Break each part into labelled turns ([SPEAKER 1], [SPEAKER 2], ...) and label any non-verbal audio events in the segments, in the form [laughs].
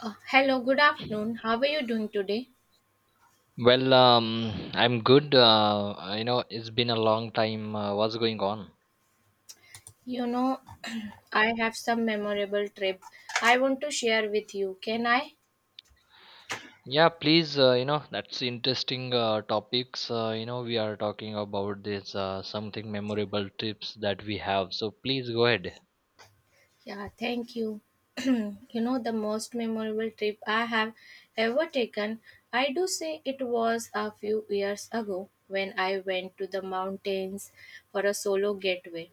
[SPEAKER 1] Hello, good afternoon. How are you doing today?
[SPEAKER 2] Well, I'm good. You know, it's been a long time. What's going on?
[SPEAKER 1] You know, [clears throat] I have some memorable trip I want to share with you. Can I?
[SPEAKER 2] Yeah, please. You know, that's interesting topics. You know, we are talking about this something memorable trips that we have. So please go ahead.
[SPEAKER 1] Yeah, thank you. [clears throat] The most memorable trip I have ever taken, I do say it was a few years ago when I went to the mountains for a solo getaway.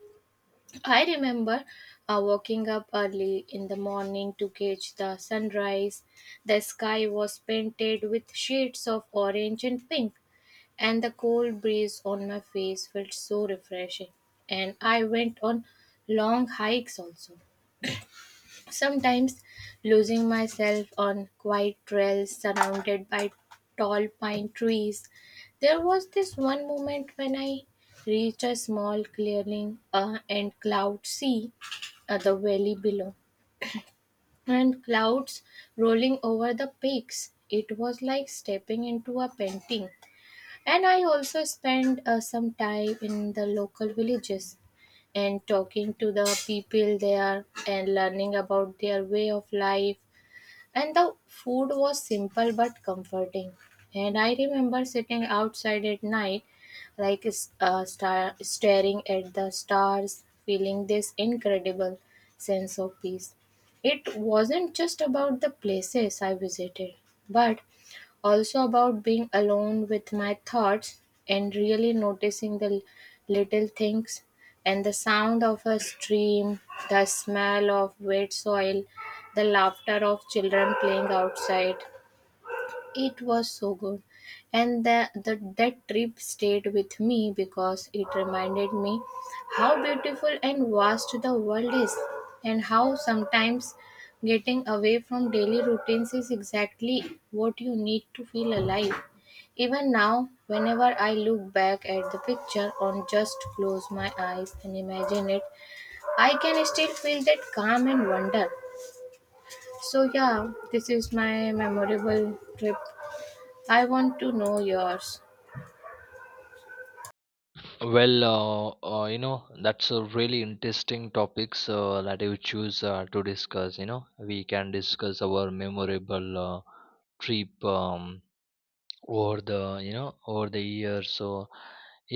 [SPEAKER 1] I remember waking up early in the morning to catch the sunrise. The sky was painted with shades of orange and pink, and the cold breeze on my face felt so refreshing. And I went on long hikes also, sometimes losing myself on quiet trails surrounded by tall pine trees. There was this one moment when I reached a small clearing, and cloud sea, the valley below and clouds rolling over the peaks. It was like stepping into a painting. And I also spent some time in the local villages and talking to the people there and learning about their way of life, and the food was simple but comforting. And I remember sitting outside at night, like staring at the stars, feeling this incredible sense of peace. It wasn't just about the places I visited, but also about being alone with my thoughts and really noticing the little things, and the sound of a stream, the smell of wet soil, the laughter of children playing outside. It was so good. And that trip stayed with me because it reminded me how beautiful and vast the world is and how sometimes getting away from daily routines is exactly what you need to feel alive. Even now, whenever I look back at the picture or just close my eyes and imagine it, I can still feel that calm and wonder. So, yeah, this is my memorable trip. I want to know yours.
[SPEAKER 2] Well, you know, that's a really interesting topics that you choose to discuss. You know, we can discuss our memorable trip. Over the years, so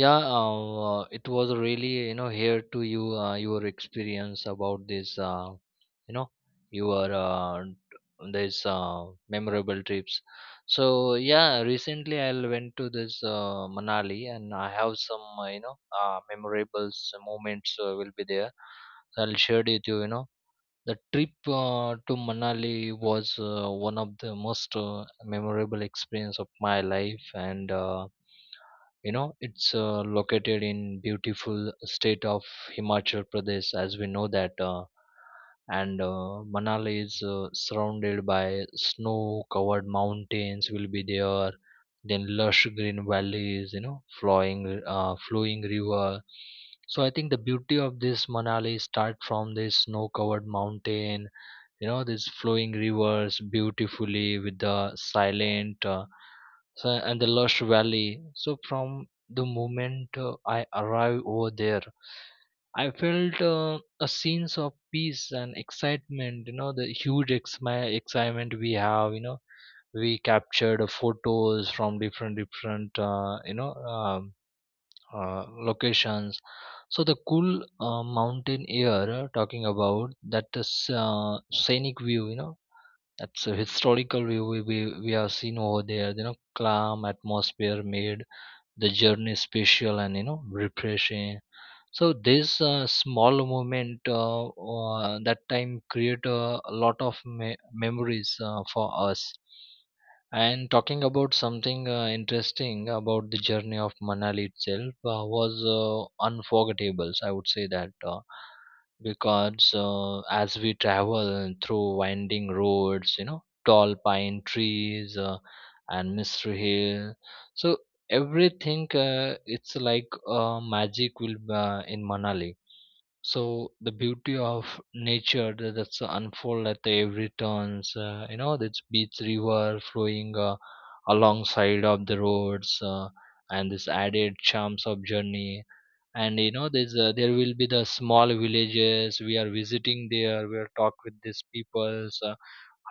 [SPEAKER 2] yeah. It was really, you know, here to you, your experience about this, you know, your, this memorable trips. So yeah, recently I went to this Manali, and I have some you know, memorable moments will be there. I'll share it with you, you know. The trip to Manali was one of the most memorable experience of my life, and you know, it's located in beautiful state of Himachal Pradesh, as we know that. And Manali is surrounded by snow-covered mountains. Will be there, then lush green valleys, you know, flowing river. So I think the beauty of this Manali start from this snow-covered mountain, you know, these flowing rivers beautifully with the silent. So, and the lush valley. So from the moment I arrived over there, I felt a sense of peace and excitement. You know, the huge my excitement we have. You know, we captured photos from different you know, locations. So the cool mountain air, talking about that is scenic view, you know, that's a historical view, we have seen over there, you know, calm atmosphere made the journey special and, you know, refreshing. So this small moment, that time create a lot of memories for us. And talking about something interesting about the journey of Manali itself was unforgettable. I would say that. Because as we travel through winding roads, you know, tall pine trees, and mystery hill. So everything it's like magic will in Manali. So the beauty of nature that's unfold at every turns. You know, this beach river flowing alongside of the roads, and this added charms of journey. And you know, there will be the small villages we are visiting there. We are talk with these peoples.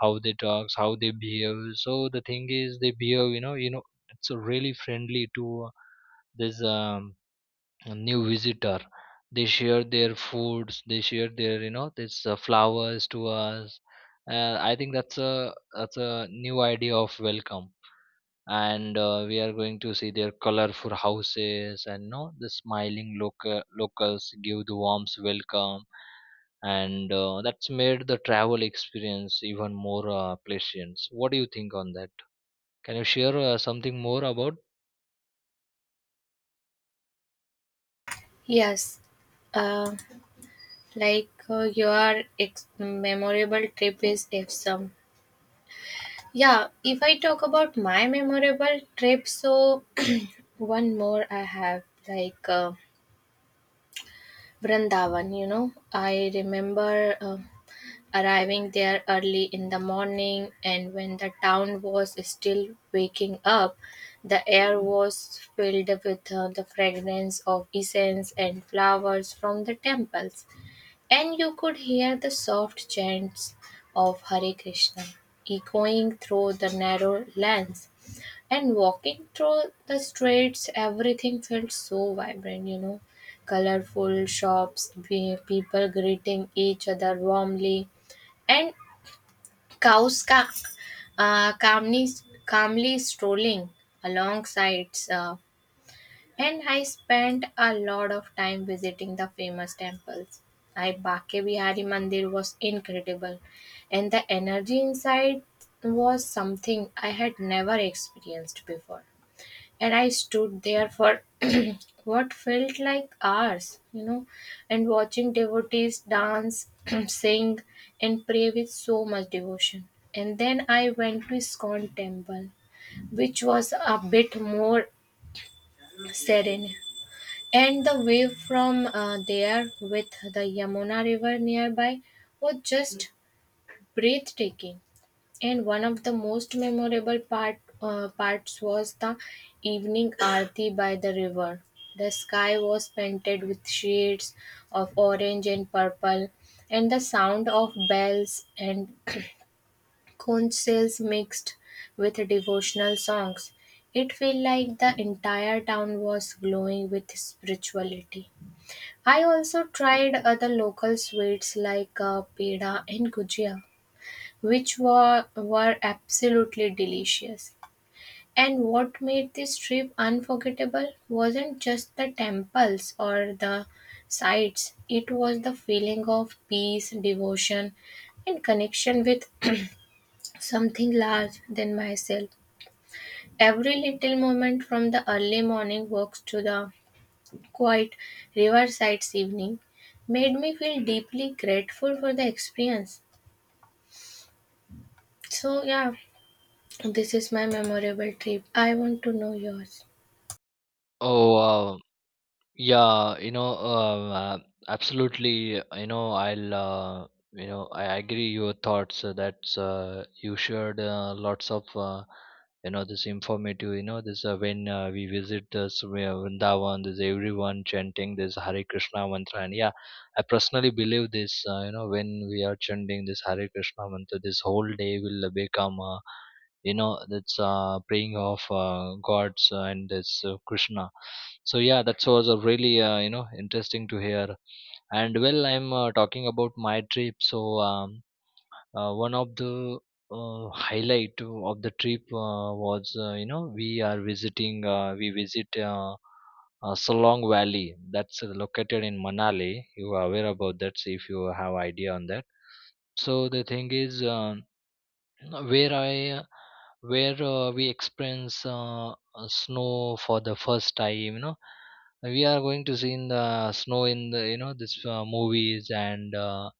[SPEAKER 2] How they talks, how they behave. So the thing is they behave, you know. It's really friendly to, this, a new visitor. They share their foods, they share their, you know, this flowers to us. I think that's a new idea of welcome. And we are going to see their colorful houses, and no, the smiling local locals give the warmth welcome. And that's made the travel experience even more pleasant. What do you think on that? Can you share something more about?
[SPEAKER 1] Yes, uh, like your ex- memorable trip is awesome. Yeah, if I talk about my memorable trip, so [clears throat] one more I have, Vrindavan. You know, I remember arriving there early in the morning, and when the town was still waking up. The air was filled with the fragrance of incense and flowers from the temples, and you could hear the soft chants of Hare Krishna echoing through the narrow lanes. And walking through the streets, everything felt so vibrant, you know. Colorful shops, people greeting each other warmly, and cows uh, calmly, calmly strolling along sides. And I spent a lot of time visiting the famous temples. I Bake Bihari Mandir was incredible, and the energy inside was something I had never experienced before. And I stood there for [clears throat] what felt like hours, you know, and watching devotees dance, [clears throat] sing, and pray with so much devotion. And then I went to Iskon temple, which was a bit more serene. And the view from there with the Yamuna river nearby was just breathtaking. And one of the most memorable parts was the evening aarti by the river. The sky was painted with shades of orange and purple, and the sound of bells and [clears throat] conch shells mixed with devotional songs. It felt like the entire town was glowing with spirituality. I also tried other local sweets like peda and gujia, which were absolutely delicious. And what made this trip unforgettable wasn't just the temples or the sites, it was the feeling of peace, devotion, and connection with something larger than myself. Every little moment, from the early morning walks to the quiet riverside's evening, made me feel deeply grateful for the experience. So, yeah, this is my memorable trip. I want to know yours.
[SPEAKER 2] Oh wow. Yeah, you know, absolutely. You know, I'll, you know, I agree your thoughts that you shared lots of, you know, this informative. You know, this, when we visit this Vrindavan, there's everyone chanting this Hare Krishna mantra, and yeah, I personally believe this. You know, when we are chanting this Hare Krishna mantra, this whole day will become. You know, that's praying of gods and this Krishna. So yeah, that was a really you know, interesting to hear. And well, I'm talking about my trip, so. um, One of the highlight of the trip was you know, we visit Solong Valley that's located in Manali. You are aware about that, so if you have idea on that. So the thing is, where I where we experience snow for the first time. You know, we are going to see in the snow in the, you know, this movies and uh,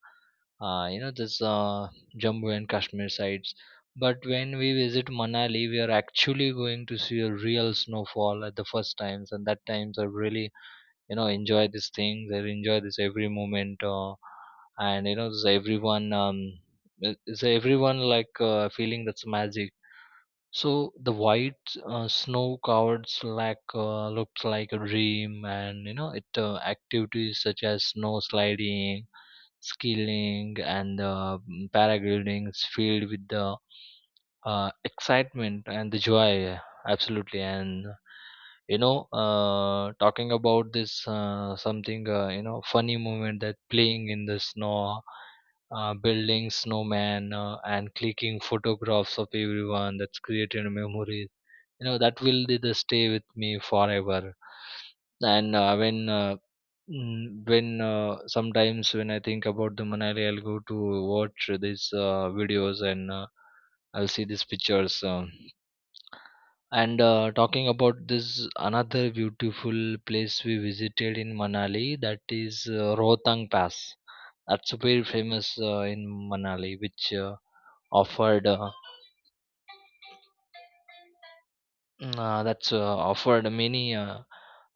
[SPEAKER 2] uh, you know, this Jammu and Kashmir sites. But when we visit Manali, we are actually going to see a real snowfall at the first times, and that times are really, you know, enjoy these things and enjoy this every moment. And you know, this everyone, it's everyone like feeling that's magic. So the white snow covered slack looked like a dream. And you know, it activities such as snow sliding, skiing, and paragliding is filled with the excitement and the joy. Absolutely. And you know, talking about this something you know, funny moment that playing in the snow, building snowman, and clicking photographs of everyone, that's created memories, you know, that will be the stay with me forever. And when Mm, when sometimes when I think about the Manali, I'll go to watch these videos, and I'll see these pictures. And talking about this another beautiful place we visited in Manali, that is Rohtang Pass. That's very famous in Manali, which offered, mm, that's offered many uh,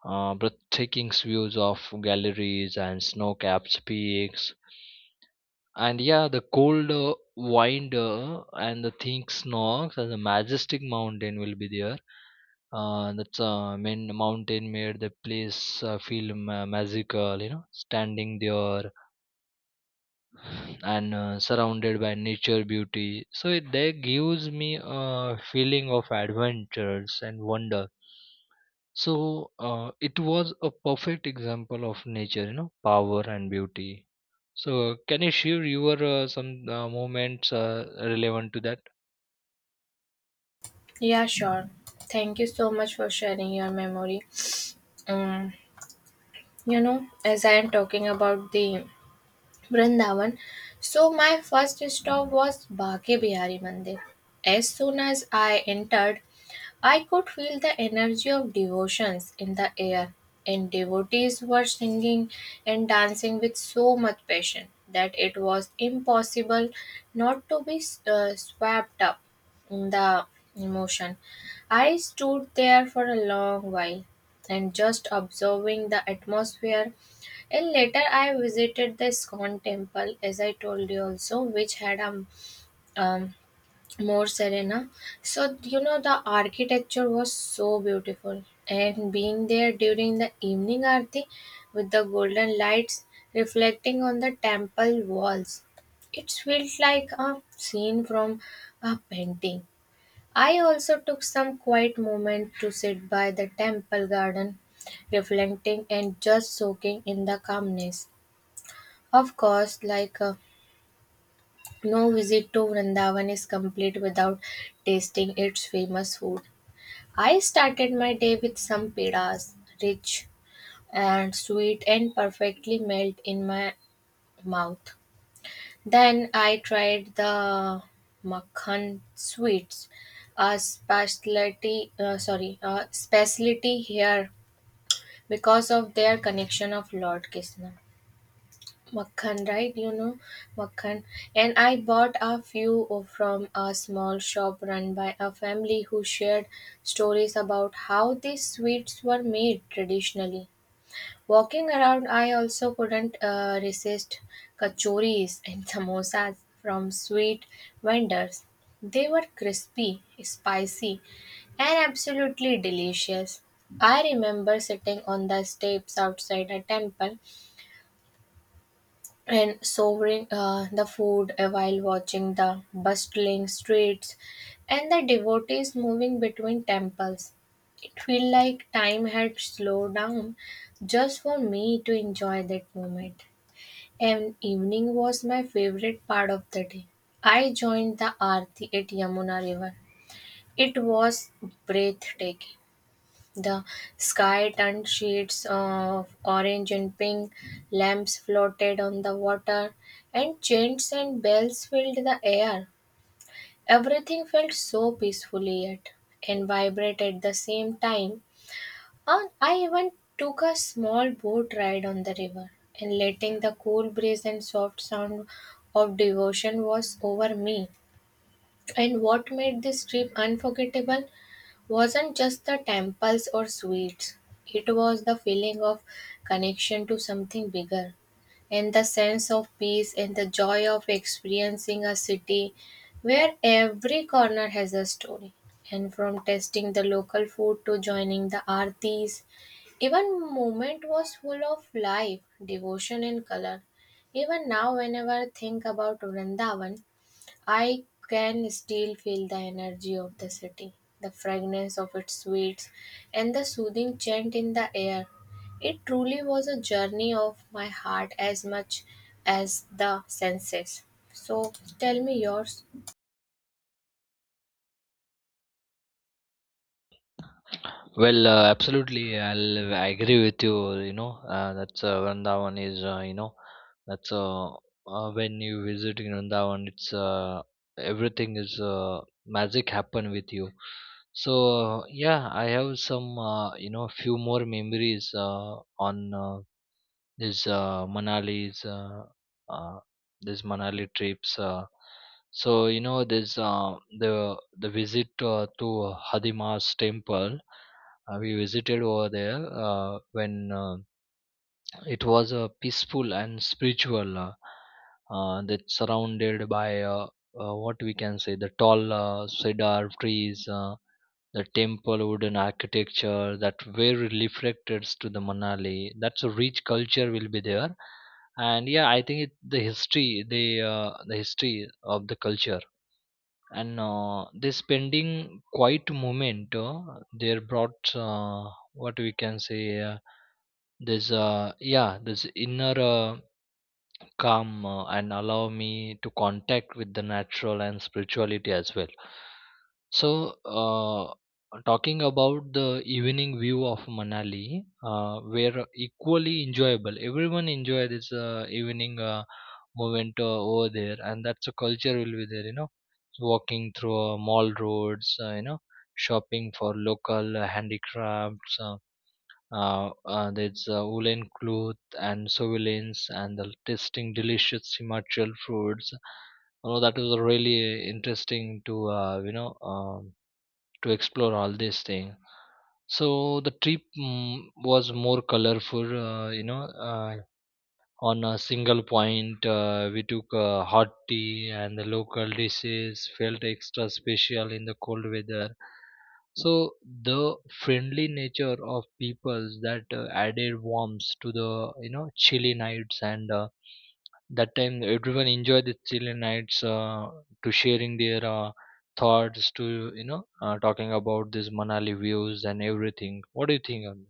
[SPEAKER 2] uh, breathtaking views of galleries and snow-capped peaks. And yeah, the cold wind and the think snogs and the majestic mountain will be there. That's main mountain made the place feel magical, you know, standing there and surrounded by nature beauty, so it that gives me a feeling of adventures and wonder. So it was a perfect example of nature, you know, power and beauty. So, can you share your some moments relevant to that?
[SPEAKER 1] Yeah, sure. Thank you so much for sharing your memory. Um, you know, as I am talking about the Vrindavan. So my first stop was Bhagya Bihari Mandir. As soon as I entered, I could feel the energy of devotions in the air, and devotees were singing and dancing with so much passion that it was impossible not to be swept up in the emotion. I stood there for a long while, and just observing the atmosphere. And later, I visited the Scon temple, as I told you also, which had a um, more serena. So, you know, the architecture was so beautiful. And being there during the evening arti with the golden lights reflecting on the temple walls, it felt like a scene from a painting. I also took some quiet moment to sit by the temple garden, reflecting and just soaking in the calmness. Of course, no visit to Vrindavan is complete without tasting its famous food. I started my day with some pedas, rich and sweet and perfectly melt in my mouth. Then I tried the makhan sweets, a specialty here because of their connection of Lord Krishna. Makhan, right? You know, Makhan. And I bought a few from a small shop run by a family who shared stories about how these sweets were made traditionally. Walking around, I also couldn't resist kachoris and [laughs] samosas from sweet vendors. They were crispy, spicy, and absolutely delicious. I remember sitting on the steps outside a temple and savoring the food while watching the bustling streets and the devotees moving between temples. It felt like time had slowed down just for me to enjoy that moment. And evening was my favorite part of the day. I joined the Aarti at Yamuna River. It was breathtaking. The sky turned shades of orange and pink, lamps floated on the water, and chants and bells filled the air. Everything felt so peacefully yet and vibrate at the same time. And I even took a small boat ride on the river, and letting the cool breeze and soft sound of devotion was over me. And what made this trip unforgettable wasn't just the temples or sweets. It was the feeling of connection to something bigger, and the sense of peace and the joy of experiencing a city where every corner has a story. And from tasting the local food to joining the artis, even moment was full of life, devotion, and color. Even now, whenever I think about Vrindavan, I can still feel the energy of the city, the fragrance of its sweets, and the soothing chant in the air. It truly was a journey of my heart as much as the senses. So tell me yours.
[SPEAKER 2] Well, absolutely, I'll agree with you. You know, that's Vrindavan is, you know, that's when you visit in Vrindavan, it's everything is magic happen with you. So yeah, I have some you know, few more memories on. There's uh, Manali's uh, uh, there's Manali trips. So you know, there's the visit to Hadima's temple. We visited over there when it was peaceful and spiritual. That's surrounded by, what we can say, the tall cedar trees. The temple wooden architecture that very reflected to the Manali, that's a rich culture will be there. And yeah, I think it, the history, the the history of the culture, and this pending quiet moment there brought what we can say this yeah, this inner calm and allow me to contact with the natural and spirituality as well. So, uh, talking about the evening view of Manali were equally enjoyable. Everyone enjoy this evening moment over there, and that's a culture will be there, you know, walking through mall roads, you know, shopping for local handicrafts, there's woolen cloth and surveillance and the tasting delicious Himachal foods. You know, that was really interesting to, you know, to explore all these things. So the trip, was more colorful, you know, on a single point. We took hot tea, and the local dishes felt extra special in the cold weather. So the friendly nature of people that added warmth to the, you know, chilly nights, and that time everyone enjoyed the chilly nights to sharing their thoughts to, you know, talking about these Manali views and everything. What do you think on?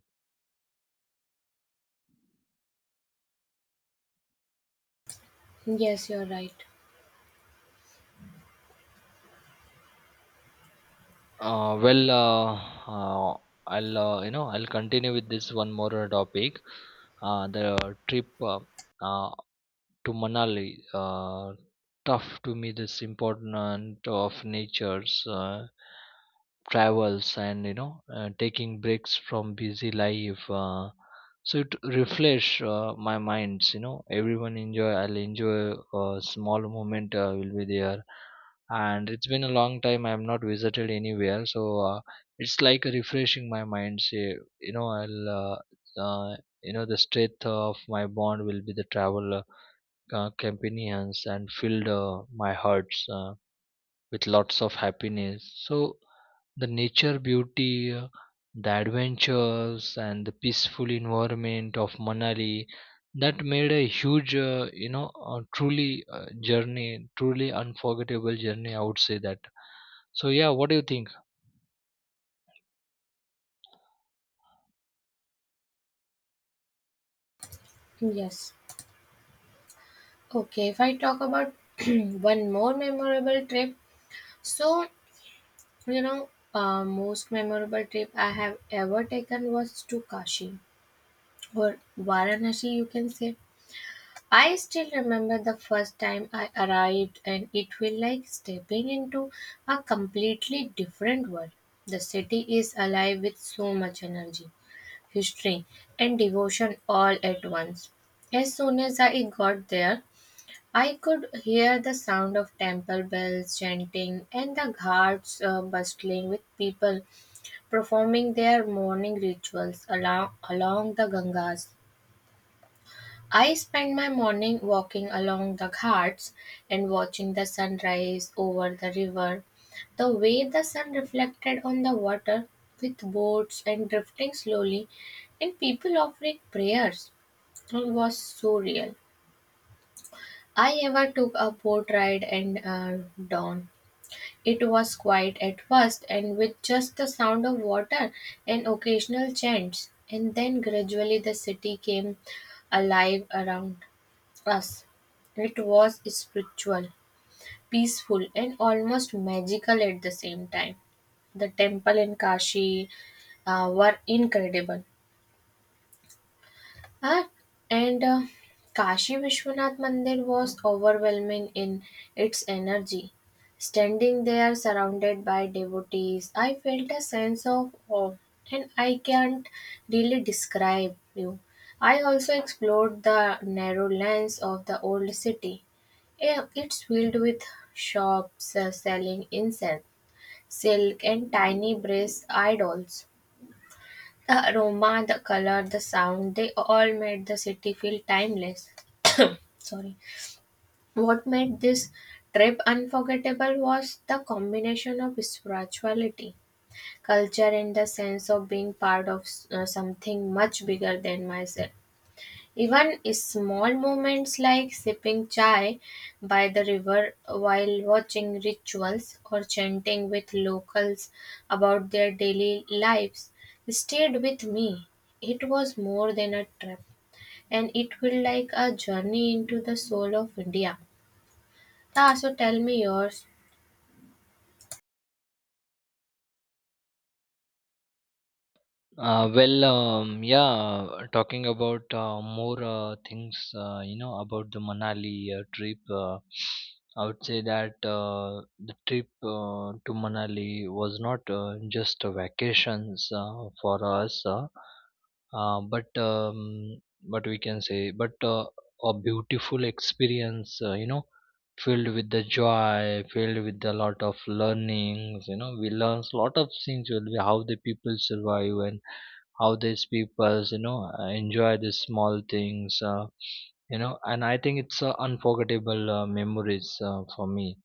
[SPEAKER 1] Yes, you're right.
[SPEAKER 2] Well, uh, I'll, you know, I'll continue with this one more topic. The trip, uh, to Manali. Tough to me this important of nature's travels and, you know, taking breaks from busy life. So it refresh my minds. You know, everyone enjoy. I'll enjoy a small moment. Will be there, and it's been a long time. I have not visited anywhere, so it's like refreshing my mind. Say, you know, I'll. Uh, you know, the strength of my bond will be the travel companions and filled my hearts with lots of happiness. So the nature beauty, the adventures, and the peaceful environment of Manali that made a huge, you know, truly journey, truly unforgettable journey. I would say that. So yeah, what do you think?
[SPEAKER 1] Yes. Okay, if I talk about [clears throat] one more memorable trip, so you know, most memorable trip I have ever taken was to Kashi, or Varanasi, you can say. I still remember the first time I arrived, and it felt like stepping into a completely different world. The city is alive with so much energy, history, and devotion all at once. As soon as I got there, I could hear the sound of temple bells chanting and the ghats bustling with people performing their morning rituals along the Gangas. I spend my morning walking along the ghats and watching the sunrise over the river. The way the sun reflected on the water with boats and drifting slowly and people offering prayers was so real. I ever took a boat ride and dawn. It was quiet at first, and with just the sound of water and occasional chants, and then gradually the city came alive around us. It was spiritual, peaceful, and almost magical at the same time. The temple in Kashi were incredible. Ah, and Kashi Vishwanath Mandir was overwhelming in its energy. Standing there surrounded by devotees, I felt a sense of awe and I can't really describe you. I also explored the narrow lanes of the old city. It's filled with shops selling incense, silk, and tiny brass idols. The aroma, the color, the sound, they all made the city feel timeless. Sorry. What made this trip unforgettable was the combination of spirituality, culture, and the sense of being part of something much bigger than myself. Even small moments like sipping chai by the river while watching rituals or chanting with locals about their daily lives stayed with me. It was more than a trip, and it felt like a journey into the soul of India. So tell me yours.
[SPEAKER 2] Well, yeah, talking about more things, you know, about the Manali trip, I would say that the trip to Manali was not just a vacations for us. Uh, but um, but we can say but A beautiful experience, filled with the joy, filled with a lot of learnings. You know, we learn a lot of things will be how the people survive, and how these peoples enjoy the small things. And I think it's unforgettable memories for me.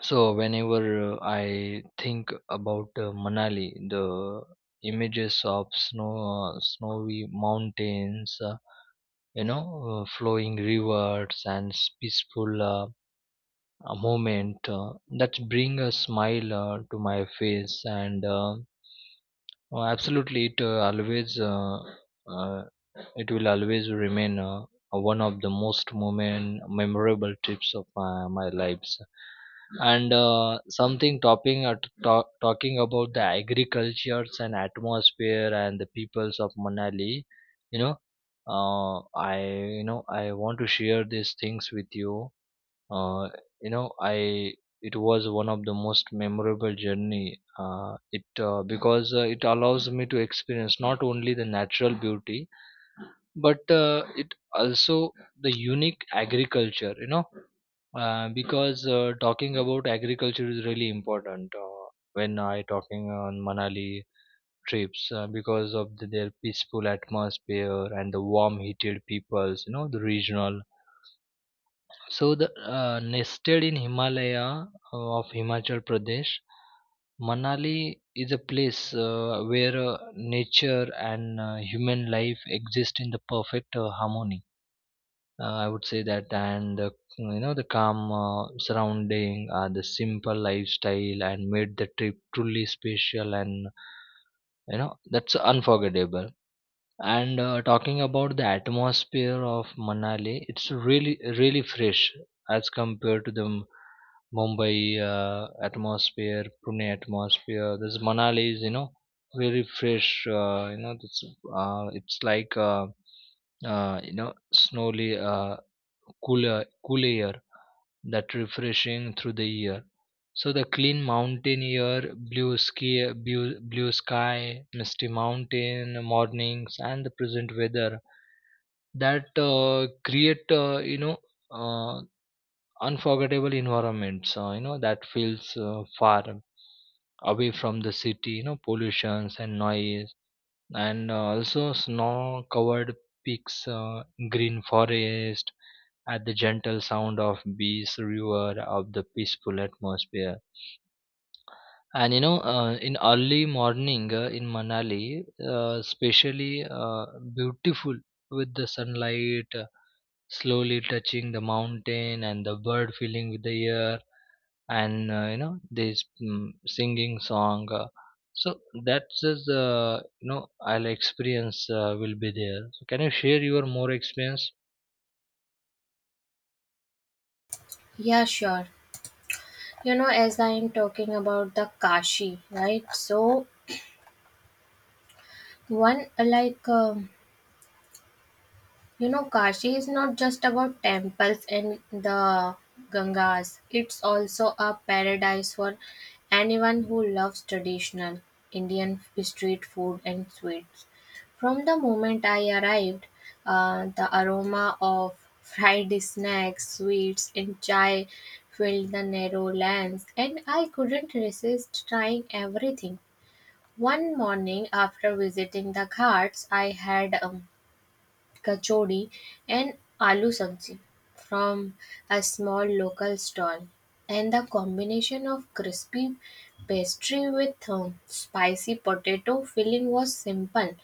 [SPEAKER 2] So whenever I think about Manali, the images of snow, snowy mountains, flowing rivers, and peaceful moment that bring a smile to my face, and Oh, absolutely, it always uh, it will always remain one of the memorable trips of my lives. And something topping, talking about the agricultures and atmosphere and the peoples of Manali, you know, I you know I want to share these things with you. Uh, you know I It was one of the most memorable journey, it because it allows me to experience not only the natural beauty, but it also the unique agriculture. Because talking about agriculture is really important when I talking on manali trips, because of their peaceful atmosphere and the warm heated peoples, you know, the regional. So the nested in Himalaya of Himachal Pradesh, Manali is a place where nature and human life exist in the perfect harmony. I would say that, and the, you know the calm surrounding, the simple lifestyle, and made the trip truly special, and you know that's unforgettable. And talking about the atmosphere of Manali, it's really fresh as compared to the Mumbai atmosphere, Pune atmosphere. This Manali is, you know, very fresh. You know, it's like you know snowy, cool air that refreshing through the year. So the clean mountain air, blue sky, blue sky, misty mountain mornings, and the present weather that create, uh, unforgettable environments. You know, that feels far away from the city. You know, pollutions and noise, and also snow-covered peaks, green forest, at the gentle sound of bees, river, of the peaceful atmosphere. And, in early morning in Manali, especially beautiful, with the sunlight slowly touching the mountain, and the bird feeling with the air, and this singing song. So that's is you know I'll experience will be there. So can you share your more experience?
[SPEAKER 1] Yeah, sure. You know, as I am talking about the Kashi, right? So, one like you know, Kashi is not just about temples and the Gangas, it's also a paradise for anyone who loves traditional Indian street food and sweets. From the moment I arrived, the aroma of fried snacks, sweets, and chai filled the narrow lanes, and I couldn't resist trying everything. One morning, after visiting the ghats, I had kachori and aloo sabji from a small local stall. And the combination of crispy pastry with spicy potato filling was simple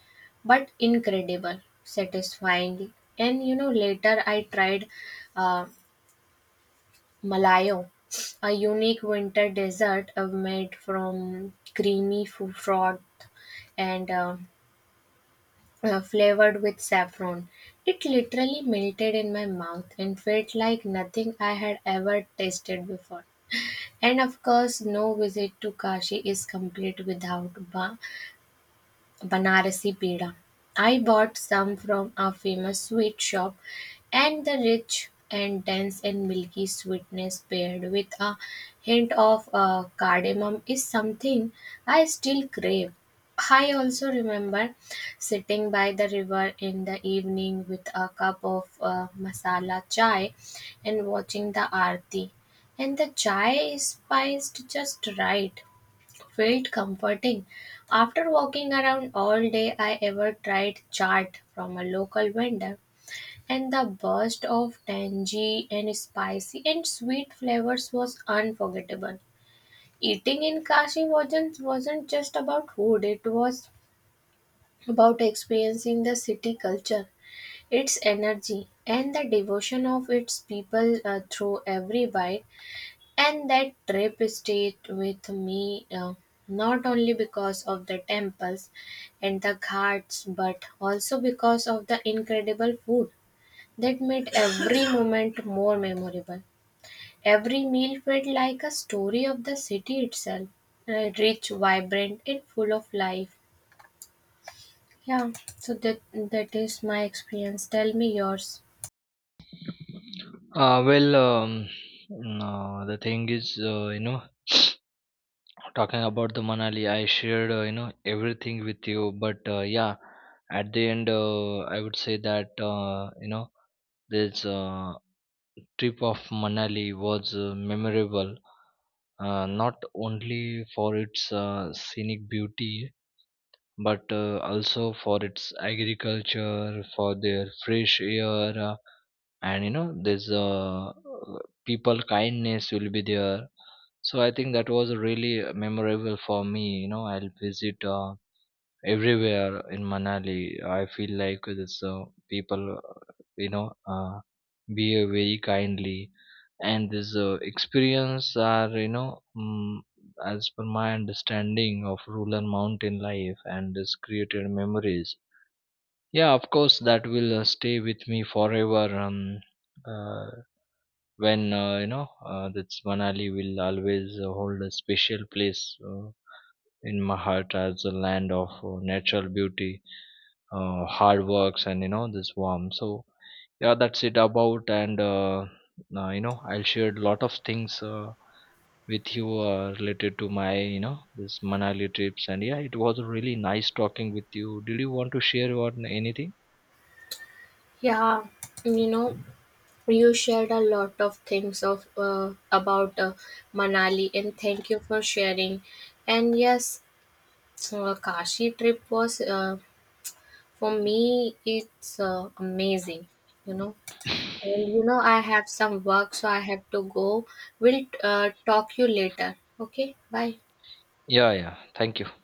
[SPEAKER 1] but incredible, satisfying. And you know, later I tried uh, malayo, a unique winter dessert made from creamy froth and flavored with saffron. It literally melted in my mouth and felt like nothing I had ever tasted before. And of course, no visit to Kashi is complete without Banarasi Peda. I bought some from a famous sweet shop, and the rich and dense and milky sweetness paired with a hint of cardamom is something I still crave. I also remember sitting by the river in the evening with a cup of masala chai and watching the aarti. And the chai is spiced just right, felt comforting. After walking around all day, I ever tried chaat from a local vendor, and the burst of tangy and spicy and sweet flavors was unforgettable. Eating in Kashi wasn't just about food, it was about experiencing the city culture, its energy, and the devotion of its people through every bite. And that trip stayed with me not only because of the temples and the ghats, but also because of the incredible food that made every [laughs] moment more memorable. Every meal felt like a story of the city itself, rich, vibrant, and full of life. Yeah, so that is my experience. Tell me yours.
[SPEAKER 2] Uh, well, um, no, the thing is, you know, talking about the Manali, I shared you know everything with you, but yeah, at the end, I would say that you know this trip of Manali was memorable, not only for its scenic beauty, but also for its agriculture, for their fresh air, and you know this people kindness will be there. So I think that was really memorable for me. You know, I'll visit everywhere in manali. I feel like this people uh, you know uh, behave very kindly. And this experience are, you know, mm as per my understanding of rural mountain life, and this created memories. Yeah, of course that will stay with me forever. Uh, when, that's Manali will always hold a special place in my heart as a land of natural beauty, hard works, and you know this warmth. So yeah, that's it about, and you know I'll share a lot of things with you related to my you know this Manali trips. And yeah, it was really nice talking with you. Did you want to share on anything?
[SPEAKER 1] Yeah, you know, you shared a lot of things of about Manali, and thank you for sharing. And yes, Kashi trip was for me it's amazing, you know.
[SPEAKER 2] [laughs] [coughs]
[SPEAKER 1] And you know I have some work, so I have to go. We'll talk you later. Okay, bye.
[SPEAKER 2] Yeah, yeah. Thank you.